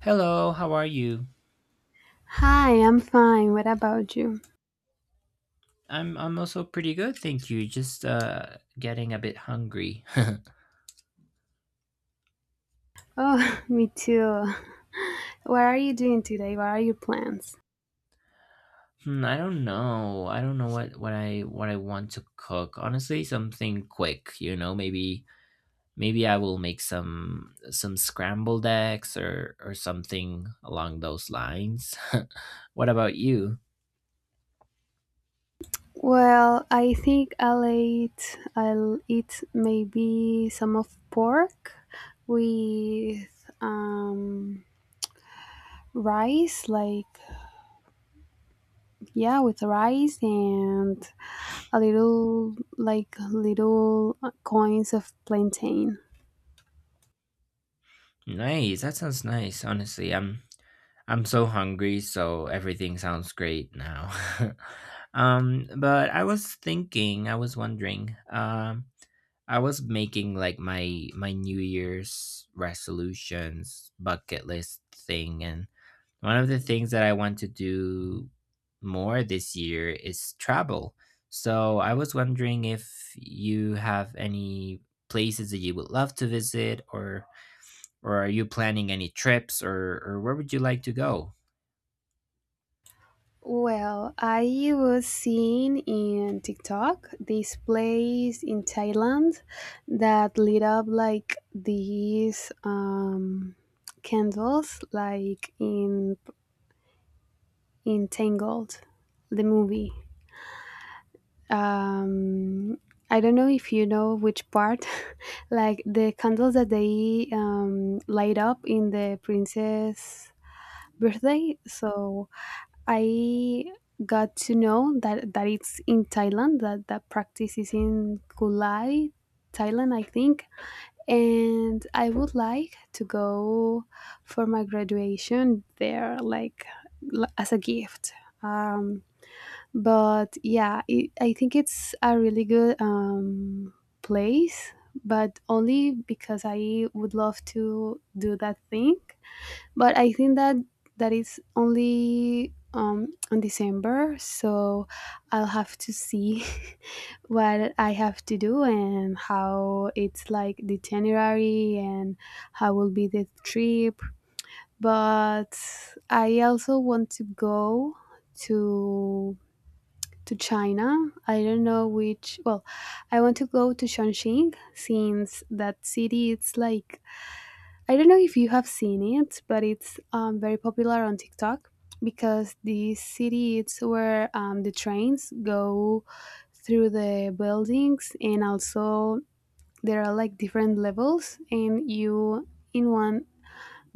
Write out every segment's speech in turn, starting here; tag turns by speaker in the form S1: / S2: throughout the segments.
S1: Hello, how are you?
S2: Hi, I'm fine. What about you?
S1: I'm also pretty good, thank you. Just getting a bit hungry.
S2: Oh, me too. What are you doing today? What are your plans?
S1: I don't know. I don't know what I want to cook. Honestly, something quick, maybe I will make some scrambled eggs or something along those lines. What about you?
S2: Well, I think I'll eat maybe some of pork with rice, like yeah, with rice and a little like little coins of plantain.
S1: Nice. That sounds nice. Honestly, I'm so hungry, so everything sounds great now. But I was thinking, I was wondering, I was making like my New Year's resolutions bucket list thing, and one of the things that I want to do more this year is travel. So I was wondering if you have any places that you would love to visit or are you planning any trips or where would you like to go?
S2: Well, I was seeing in TikTok this place in Thailand that lit up like these candles, like in Tangled, the movie. Um, I don't know if you know which part, like the candles that they light up in the princess birthday. So I got to know that it's in Thailand that that practice is in Kulai, Thailand, I think. And I would like to go for my graduation there, like as a gift. Um, but yeah, I think it's a really good place, but only because I would love to do that thing, but I think that that is only on December, so I'll have to see what I have to do and how it's like the itinerary and how will be the trip. But I also want to go to to China. I don't know which. Well, I want to go to Chongqing, since that city it's like, I don't know if you have seen it, but it's very popular on TikTok because the city it's where the trains go through the buildings, and also there are like different levels, and you in one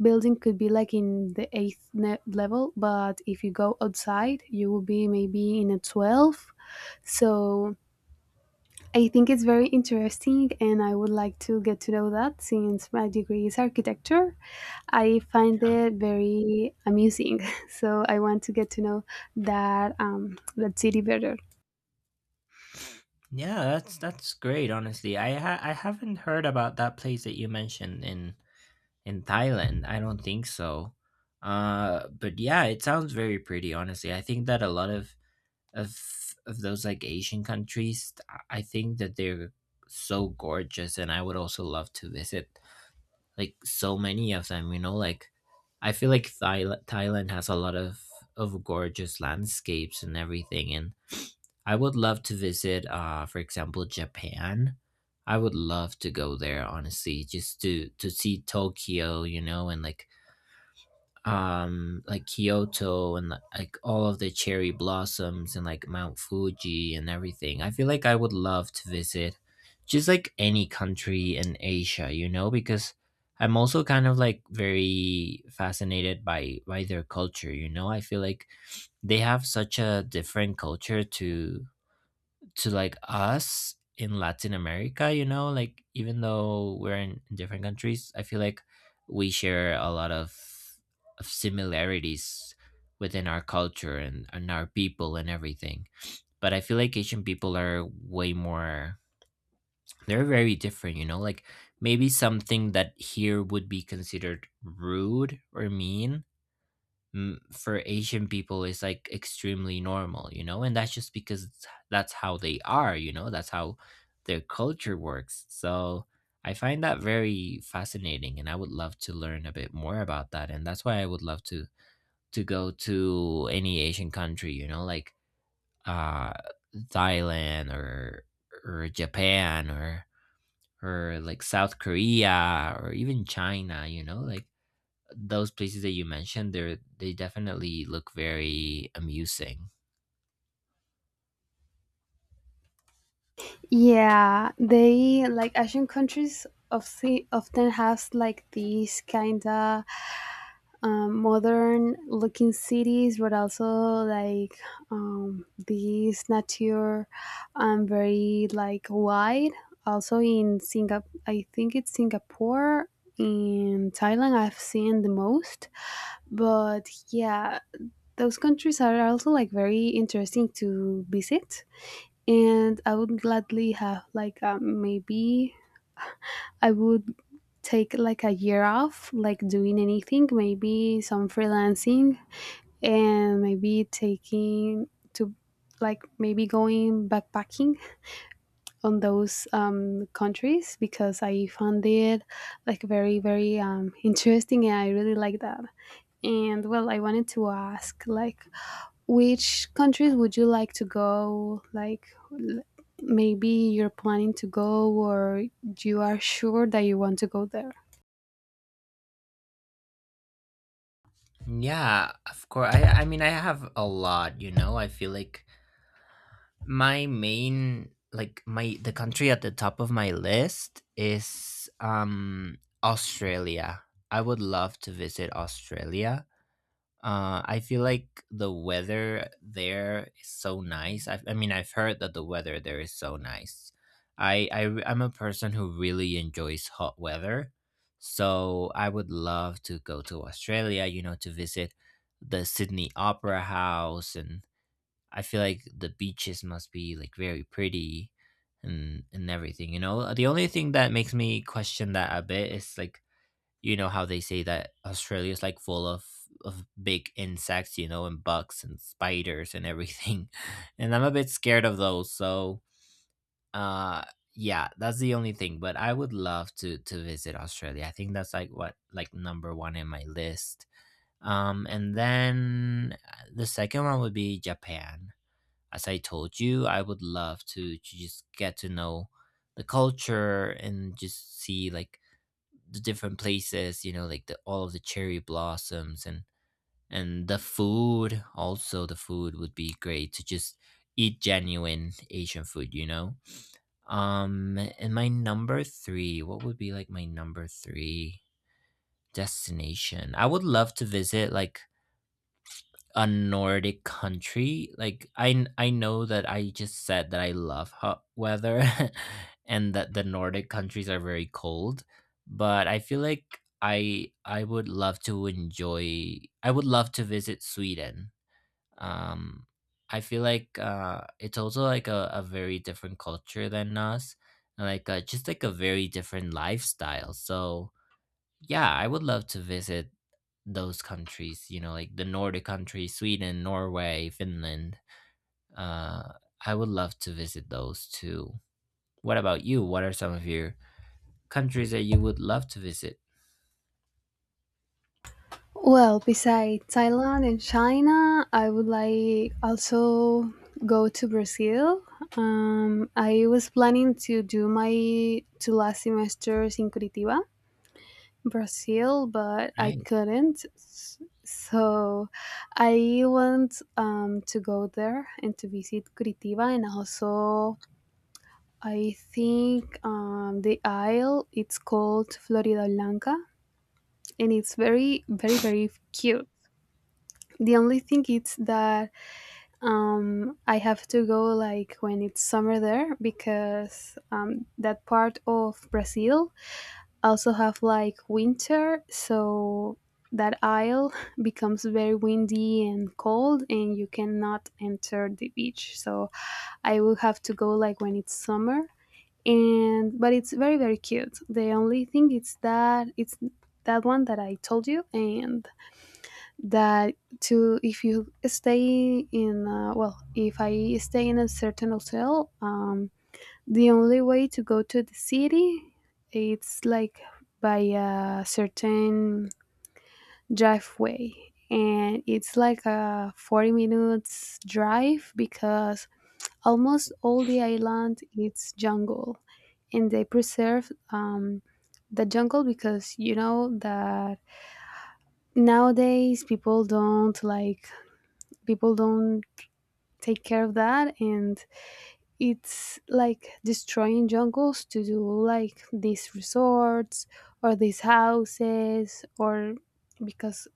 S2: building could be like in the eighth level, but if you go outside, you will be maybe in a 12. So I think it's very interesting, and I would like to get to know that since my degree is architecture. I find
S1: Yeah.
S2: it very amusing, so I want to get to know that city better.
S1: Yeah, that's great, honestly. I haven't heard about that place that you mentioned in Thailand. I don't think so. But yeah, it sounds very pretty, honestly. I think that a lot of of those like Asian countries, I think that they're so gorgeous, and I would also love to visit like so many of them, like I feel like Thailand has a lot of gorgeous landscapes and everything, and I would love to visit, for example, Japan. I would love to go there, honestly, just to see Tokyo, and like Kyoto and like all of the cherry blossoms and like Mount Fuji and everything. I feel like I would love to visit just like any country in Asia, because I'm also kind of like very fascinated by their culture. I feel like they have such a different culture to like us in Latin America, like even though we're in different countries, I feel like we share a lot of similarities within our culture and our people and everything. But I feel like Asian people are way more, they're very different, like maybe something that here would be considered rude or mean, for Asian people is like extremely normal, you know, and that's just because that's how they are. That's how their culture works. So I find that very fascinating, and I would love to learn a bit more about that, and that's why I would love to go to any Asian country, like uh, Thailand or Japan or like South Korea or even China, like those places that you mentioned, they definitely look very amusing.
S2: Yeah, they like Asian countries of often has like these kinda modern looking cities, but also like these nature very like wide. Also in Singapore, I think it's Singapore. In Thailand, I've seen the most, but yeah, those countries are also like very interesting to visit, and I would gladly have like maybe I would take like a year off, like doing anything, maybe some freelancing and maybe taking to like maybe going backpacking on those countries because I found it like very very interesting, and I really like that. And well, I wanted to ask like which countries would you like to go? Like maybe you're planning to go, or you are sure that you want to go there.
S1: Yeah, of course. I mean I have a lot, I feel like my main like my the country at the top of my list is Australia. I would love to visit Australia. I feel like the weather there is so nice. I mean, I've heard that the weather there is so nice. I'm a person who really enjoys hot weather, so I would love to go to Australia. To visit the Sydney Opera House, and I feel like the beaches must be like very pretty, and everything. The only thing that makes me question that a bit is like you know how they say that Australia is like full of big insects, and bugs and spiders and everything. And I'm a bit scared of those. So, uh yeah, that's the only thing, but I would love to visit Australia. I think that's like what like number 1 in my list. And then the second one would be Japan. As I told you, I would love to just get to know the culture and just see like the different places, like the all of the cherry blossoms and the food. Also, the food would be great to just eat genuine Asian food. And my number three, what would be like my number three destination? I would love to visit like a Nordic country. Like I know that I just said that I love hot weather, and that the Nordic countries are very cold, but I feel like I would love to visit Sweden. Um I feel like it's also like a very different culture than us, and like just like a very different lifestyle. So yeah, I would love to visit those countries, like the Nordic countries, Sweden, Norway, Finland. Uh, I would love to visit those too. What about you? What are some of your countries that you would love to visit?
S2: Well, besides Thailand and China, I would like also go to Brazil. I was planning to do my two last semesters in Curitiba, Brazil, but I
S1: Nice.
S2: couldn't. So I want to go there and to visit Curitiba, and also I think the isle it's called Florida Blanca, and it's very, very, very cute. The only thing is that I have to go like when it's summer there because that part of Brazil also have like winter, so that isle becomes very windy and cold, and you cannot enter the beach. So I will have to go like when it's summer, and but it's very very cute. The only thing is that it's that one that I told you, and that to if you stay in well if I stay in a certain hotel, the only way to go to the city it's like by a certain driveway, and it's like a 40 minutes drive because almost all the island it's jungle, and they preserve the jungle, because you know that nowadays people don't like people don't take care of that, and it's like destroying jungles to do like these resorts or these houses, or because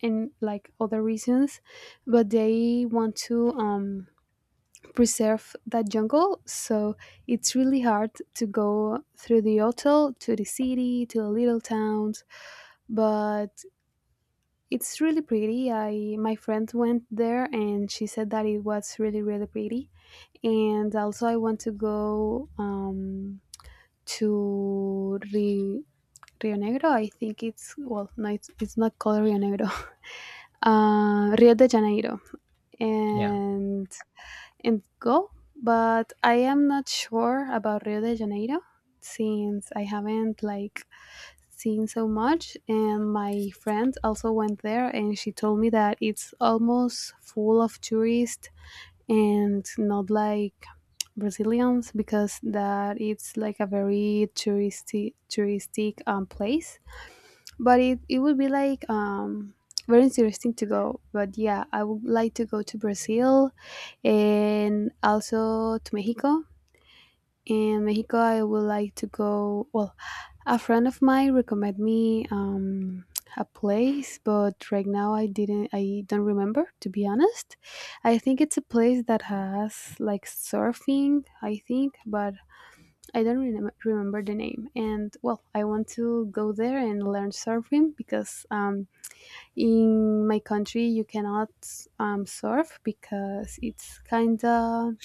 S2: and like other reasons, but they want to preserve that jungle. So it's really hard to go through the hotel to the city to the little towns, but it's really pretty. I My friend went there and she said that it was really really pretty. And also I want to go to Rio, Rio Negro. I think it's, well, no, it's not called Rio Negro, Rio de Janeiro,
S1: Yeah.
S2: and and go. But I am not sure about Rio de Janeiro, since I haven't like seen so much, and my friend also went there and she told me that it's almost full of tourists and not like Brazilians, because that it's like a very touristy touristic place. But it would be like very interesting to go. But yeah, I would like to go to Brazil and also to Mexico. In Mexico, I would like to go. Well, a friend of mine recommended me a place, but right now I didn't. I don't remember, to be honest. I think it's a place that has like surfing, I think, but I don't remember the name. And well, I want to go there and learn surfing because, in my country you cannot surf because it's kind of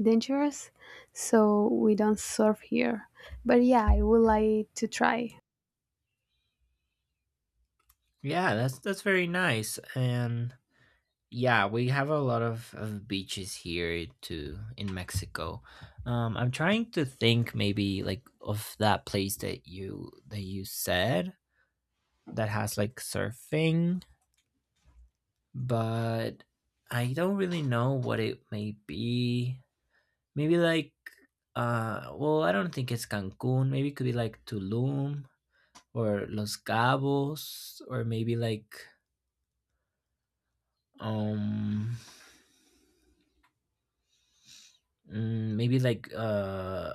S2: dangerous, so we don't surf here. But yeah, I would like to try.
S1: Yeah, that's very nice. And yeah, we have a lot of beaches here too in Mexico. I'm trying to think maybe like of that place that you said that has like surfing, but I don't really know what it may be. Maybe like, well, I don't think it's Cancun. Maybe it could be like Tulum or Los Cabos, or maybe like, um, maybe like,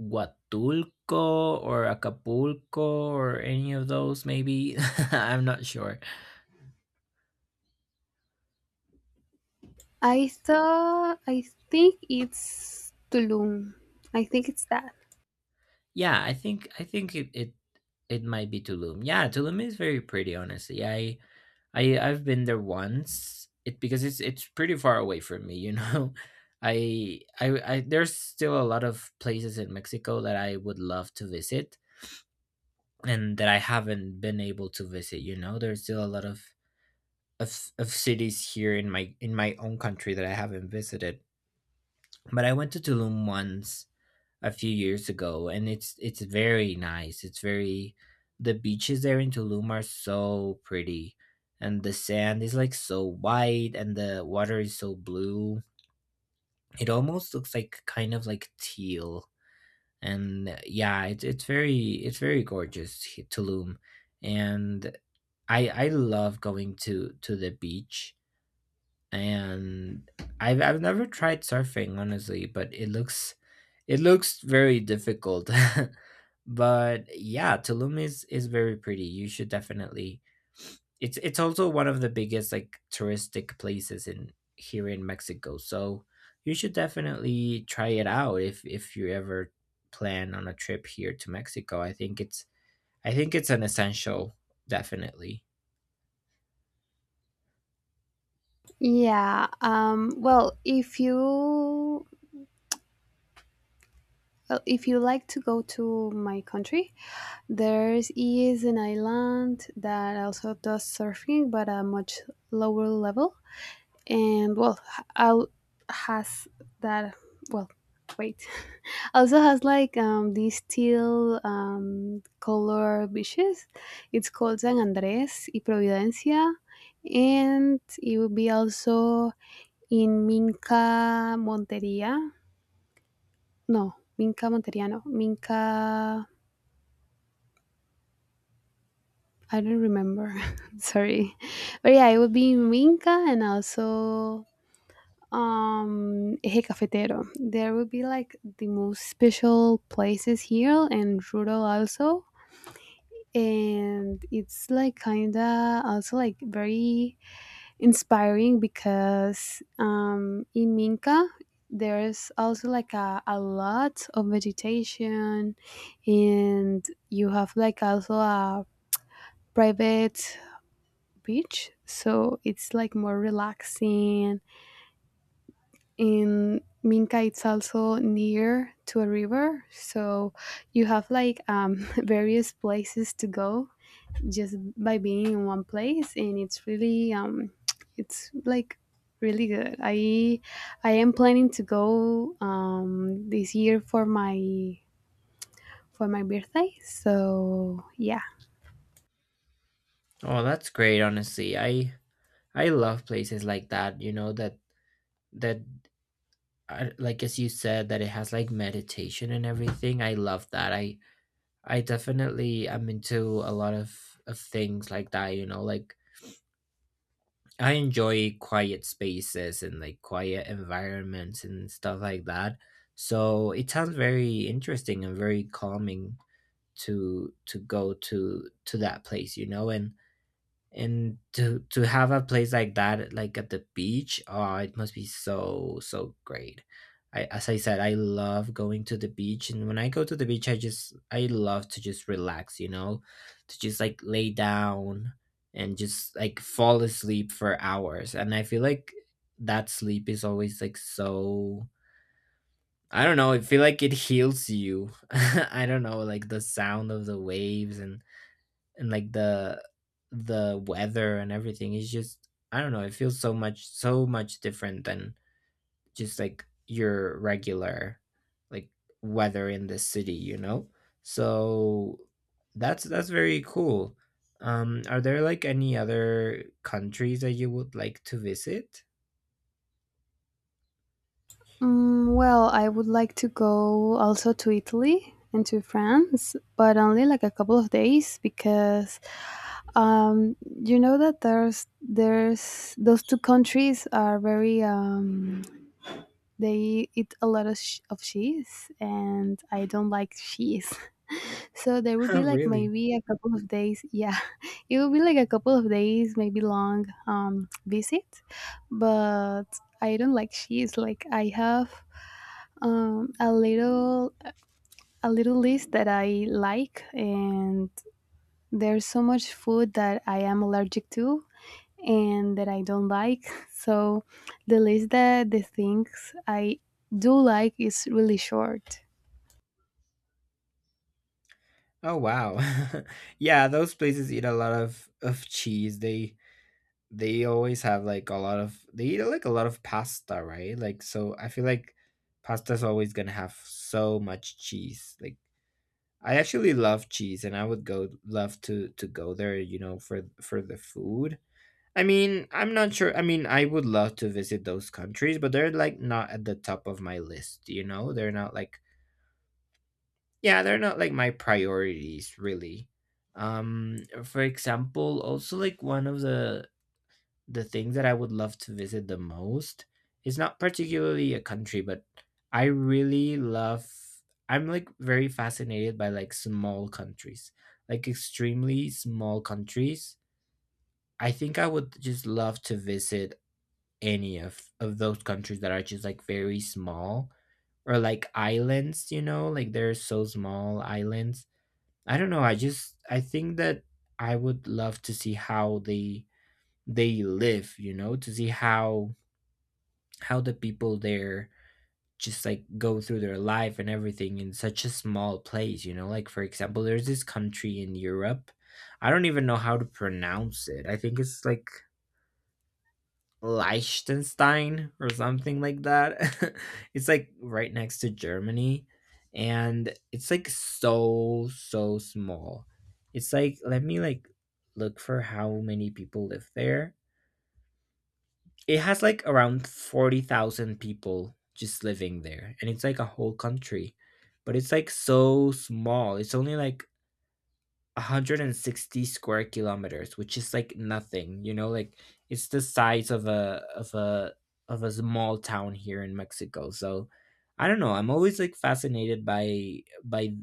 S1: Huatulco or Acapulco or any of those. Maybe I'm not sure.
S2: I think it's Tulum. I think it's that.
S1: Yeah, I think it might be Tulum. Yeah, Tulum is very pretty, honestly. I've been there once. It because it's pretty far away from me. I I I there's still a lot of places in Mexico that I would love to visit and that I haven't been able to visit. There's still a lot of cities here in my own country that I haven't visited. But I went to Tulum once a few years ago, and it's very nice. It's very the beaches there in Tulum are so pretty, and the sand is like so white, and the water is so blue. It almost looks like kind of like teal, and yeah, it's very gorgeous, Tulum, and I love going to the beach. And I've never tried surfing, honestly, but it looks very difficult. But yeah, Tulum is very pretty. You should definitely, it's also one of the biggest like touristic places in here in Mexico. So you should definitely try it out if you ever plan on a trip here to Mexico. I think it's an essential, definitely.
S2: Yeah, Well, if you like to go to my country, there is an island that also does surfing, but at a much lower level. And well, out has that, well, wait, also has like these teal color beaches. It's called San Andres y Providencia, and it will be also in Minca, Monteria, no, Minca, Monteria, no, Minca, I don't remember, sorry. But yeah, it would be in Minca, and also Eje Cafetero. There will be like the most special places here, and rural also. And it's like kinda also like very inspiring, because in Minca there's also like a lot of vegetation, and you have like also a private beach, so it's like more relaxing. In Minca, it's also near to a river, so you have like various places to go just by being in one place, and it's like really good. I am planning to go this year for my birthday, so yeah.
S1: Oh, that's great, honestly. I love places like that, you know, that I, like as you said, that it has like meditation and everything, I love that. I definitely am into a lot of things like that, like I enjoy quiet spaces and like quiet environments and stuff like that. So it sounds very interesting and very calming to go to that place, and to have a place like that like at the beach. Oh, it must be so great. I, as I said, I love going to the beach, and when I go to the beach, I love to just relax, to just like lay down and just like fall asleep for hours. And I feel like that sleep is always like so, I don't know, I feel like it heals you. I don't know, like the sound of the waves and and like the weather and everything is just, I don't know, it feels so much different than just like your regular like weather in the city. So that's very cool. Are there like any other countries that you would like to visit?
S2: Well, I would like to go also to Italy and to France, but only like a couple of days, because um, you know that there's those two countries are very they eat a lot of, of cheese, and I don't like cheese. So there will
S1: Oh,
S2: be like
S1: really?
S2: maybe a couple of days. Yeah, it will be like a couple of days, maybe long visit. But I don't like cheese. Like I have um, a little a little list that I like, and there's so much food that I am allergic to and that I don't like. So the list that the things I do like is really short.
S1: Oh, wow. Yeah, those places eat a lot of cheese. They always have like a lot of, they eat like a lot of pasta, right? Like so I feel like pasta's always gonna have so much cheese. Like I actually love cheese and I would go love to go there, for the food. I mean, I'm not sure. I mean, I would love to visit those countries, but they're like not at the top of my list, you know? They're not like, yeah, they're not like my priorities, really. um for example, also like one of the things that I would love to visit the most is not particularly a country, but I really love I'm like very fascinated by like small countries, like extremely small countries. I think I would just love to visit any of those countries that are just like very small or like islands, like they're so small islands. I don't know. I think that I would love to see how they live, you know, to see how the people there just like go through their life and everything in such a small place, you know? Like for example, there's this country in Europe. I don't even know how to pronounce it. I think it's like Liechtenstein or something like that. It's like right next to Germany and it's like so small. It's like let me like look for how many people live there. It has like around 40,000 people just living there and it's like a whole country. But it's like so small. It's only like 160 square kilometers, which is like nothing, you know, like it's the size of a of a of a small town here in Mexico. So I don't know, I'm always like fascinated by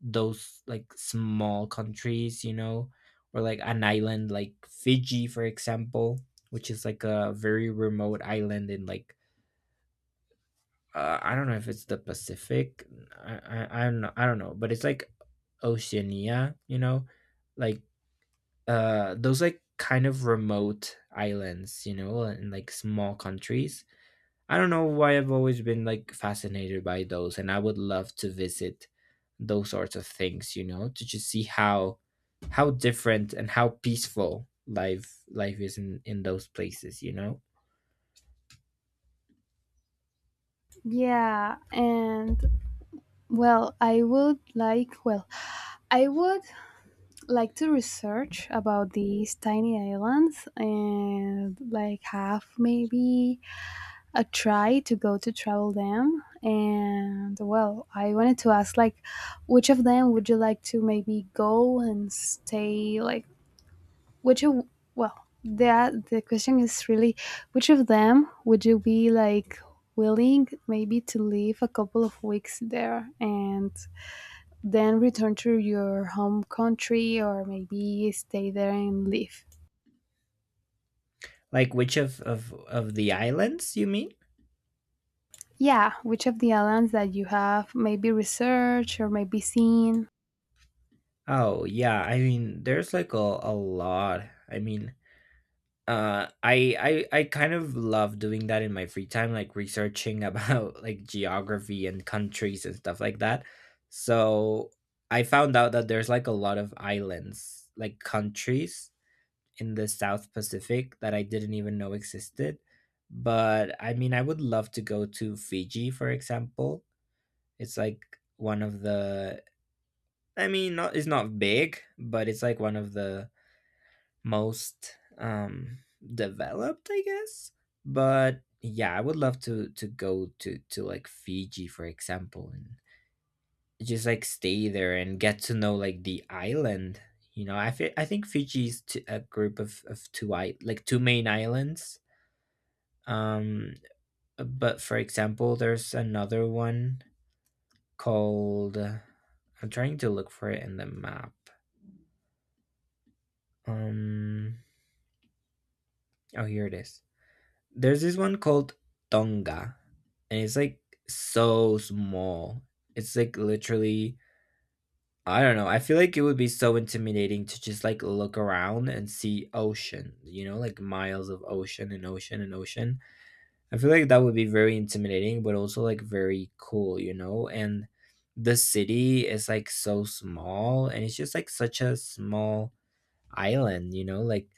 S1: those like small countries, you know, or like an island like Fiji for example, which is like a very remote island in like I don't know if it's the Pacific. I don't know. I don't know, but it's like Oceania, you know, like those like kind of remote islands, you know, and like small countries. I don't know why I've always been like fascinated by those, and I would love to visit those sorts of things, you know, to just see how different and how peaceful life is in those places, you know.
S2: Yeah, and Well, I would like to research about these tiny islands, and like have maybe a try to go to travel them. And well, I wanted to ask like which of them would you like to maybe go and stay, like which of, well, that the question is really, which of them would you be like willing maybe to leave a couple of weeks there and then return to your home country, or maybe stay there and live.
S1: Like which of the islands you mean?
S2: Yeah, which of the islands that you have maybe researched or maybe seen?
S1: Oh yeah, I mean there's like a lot. I mean I kind of love doing that in my free time, like researching about like geography and countries and stuff like that. So I found out that there's like a lot of islands, like countries in the South Pacific that I didn't even know existed. But I mean, I would love to go to Fiji for example. It's like one of the, I mean not, it's not big, but it's like one of the most developed, I guess. But yeah, I would love to go to like Fiji for example, and just like stay there and get to know like the island, you know. I think Fiji is a group of two like two main islands. um but for example, there's another one called, I'm trying to look for it in the map. um oh, here it is. There's this one called Tonga, and it's like so small. It's like literally, I don't know. I feel like it would be so intimidating to just like look around and see ocean, you know, like miles of ocean and ocean and ocean. I feel like that would be very intimidating, but also like very cool, you know? And the city is like so small, and it's just like such a small island, you know? Like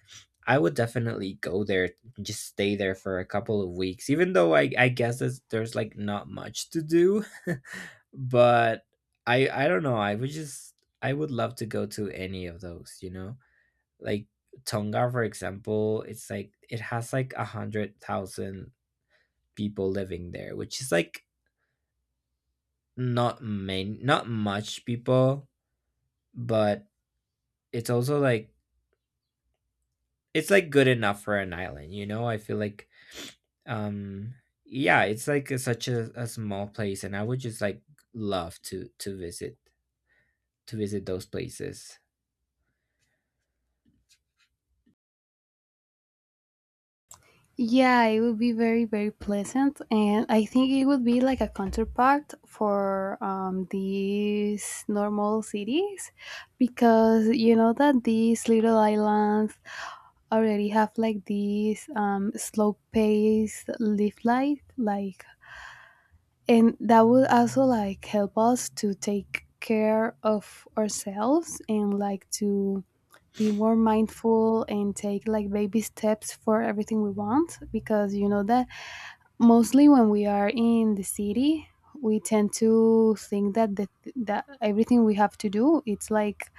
S1: I would definitely go there, just stay there for a couple of weeks, even though I guess there's like not much to do. But I don't know. I would just I would love to go to any of those, you know? Like Tonga, for example, it's like it has like 100,000 people living there, which is like not main not much people, but it's also like it's like good enough for an island, you know? I feel like um yeah, it's like a, such a small place, and I would just like love to visit those places.
S2: Yeah, it would be very, very pleasant. And I think it would be like a counterpart for these normal cities, because you know that these little islands already have like this slow paced live life, like, and that would also like help us to take care of ourselves and like to be more mindful and take like baby steps for everything we want, because you know that mostly when we are in the city we tend to think that that everything we have to do it's like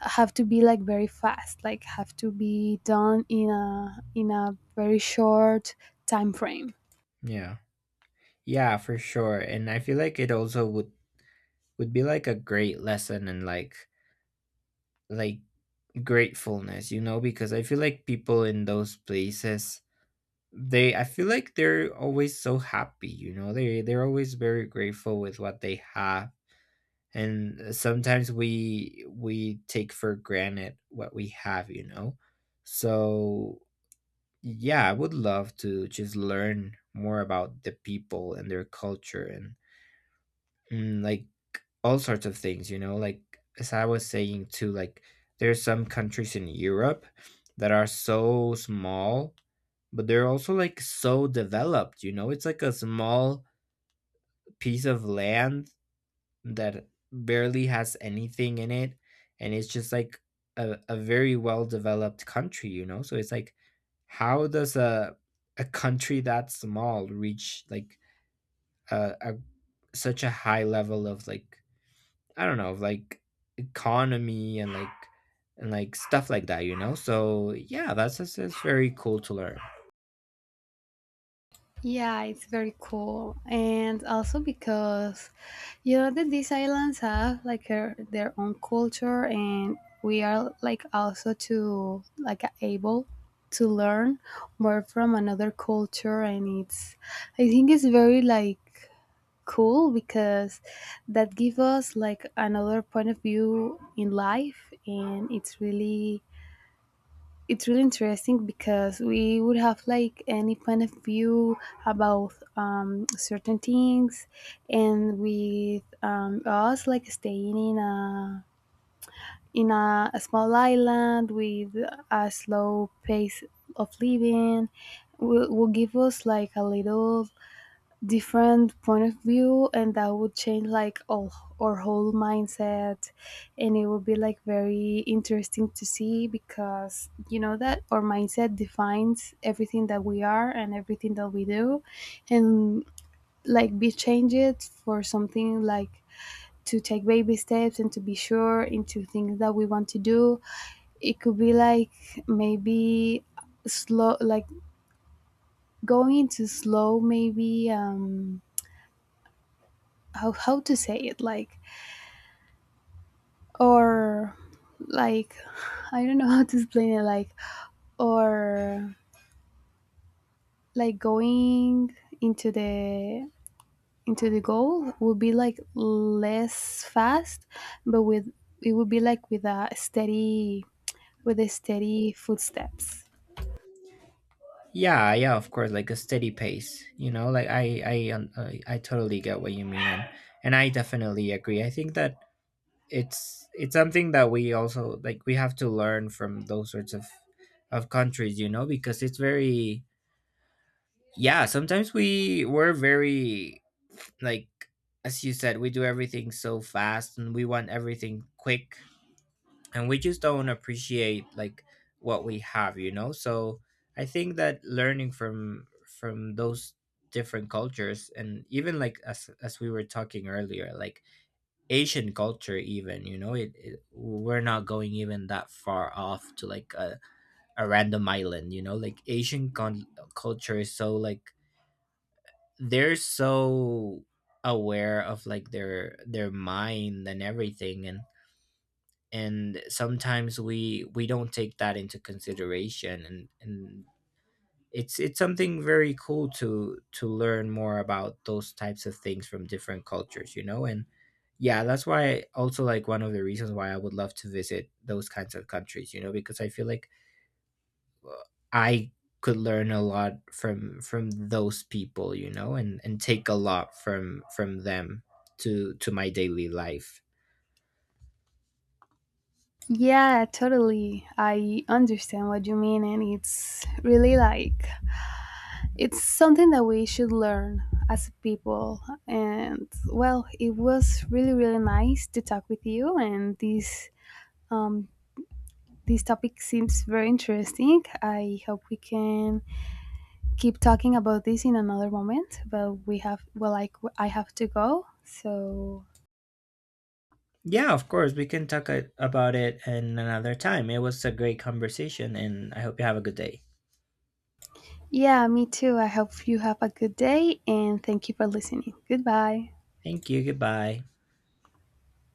S2: have to be like very fast, like have to be done in a very short time frame.
S1: Yeah, yeah, for sure, and I feel like it also would be like a great lesson, and like gratefulness, you know, because I feel like people in those places, they I feel like they're always so happy, you know, they're always very grateful with what they have. And sometimes we take for granted what we have, you know. So yeah, I would love to just learn more about the people and their culture, and like all sorts of things, you know, like as I was saying too, like there's some countries in Europe that are so small, but they're also like so developed, you know. It's like a small piece of land that barely has anything in it, and it's just like a very well developed country, you know. So it's like how does a country that small reach like a such a high level of like, I don't know, of like economy and like stuff like that, you know. So yeah, that's just it's very cool to learn.
S2: Yeah, it's very cool. And also because you know that these islands have like their own culture, and we are like also to like able to learn more from another culture, and it's, I think it's very like cool, because that give us like another point of view in life, and it's really interesting because we would have like any point of view about certain things, and with us like staying in a small island with a slow pace of living will give us like a little different point of view, and that would change like all our whole mindset, and it would be like very interesting to see, because you know that our mindset defines everything that we are and everything that we do, and like be changed it for something like to take baby steps and to be sure into things that we want to do. It could be like maybe slow, like going into slow, maybe, how to say it, like, or like, I don't know, how to explain it, like, or like going into the goal would be like less fast, but with, it would be like with a steady, footsteps.
S1: Yeah, yeah, of course, like a steady pace, you know. Like I totally get what you mean, and I definitely agree. I think that it's something that we also like we have to learn from those sorts of countries, you know, because it's very, yeah, sometimes we're very like, as you said, we do everything so fast and we want everything quick, and we just don't appreciate like what we have, you know. So I think that learning from those different cultures, and even like as we were talking earlier, like Asian culture even, you know, it we're not going even that far off to like a random island, you know. Like culture is so like, they're so aware of like their mind and everything, and sometimes we don't take that into consideration, and it's something very cool to learn more about those types of things from different cultures, you know. And yeah, that's why also like one of the reasons why I would love to visit those kinds of countries, you know, because I feel like uh, I could learn a lot from those people, you know, and take a lot from them to my daily life.
S2: Yeah, totally, I understand what you mean, and it's really like, it's something that we should learn as a people. And well, it was really, really nice to talk with you. And um, this topic seems very interesting. I hope we can keep talking about this in another moment. But we have well, like I have to go. So
S1: Yeah, of course, we can talk about it in another time. It was a great conversation, and I hope you have a good day.
S2: yeah, me too. I hope you have a good day, and thank you for listening. Goodbye.
S1: Thank you, goodbye.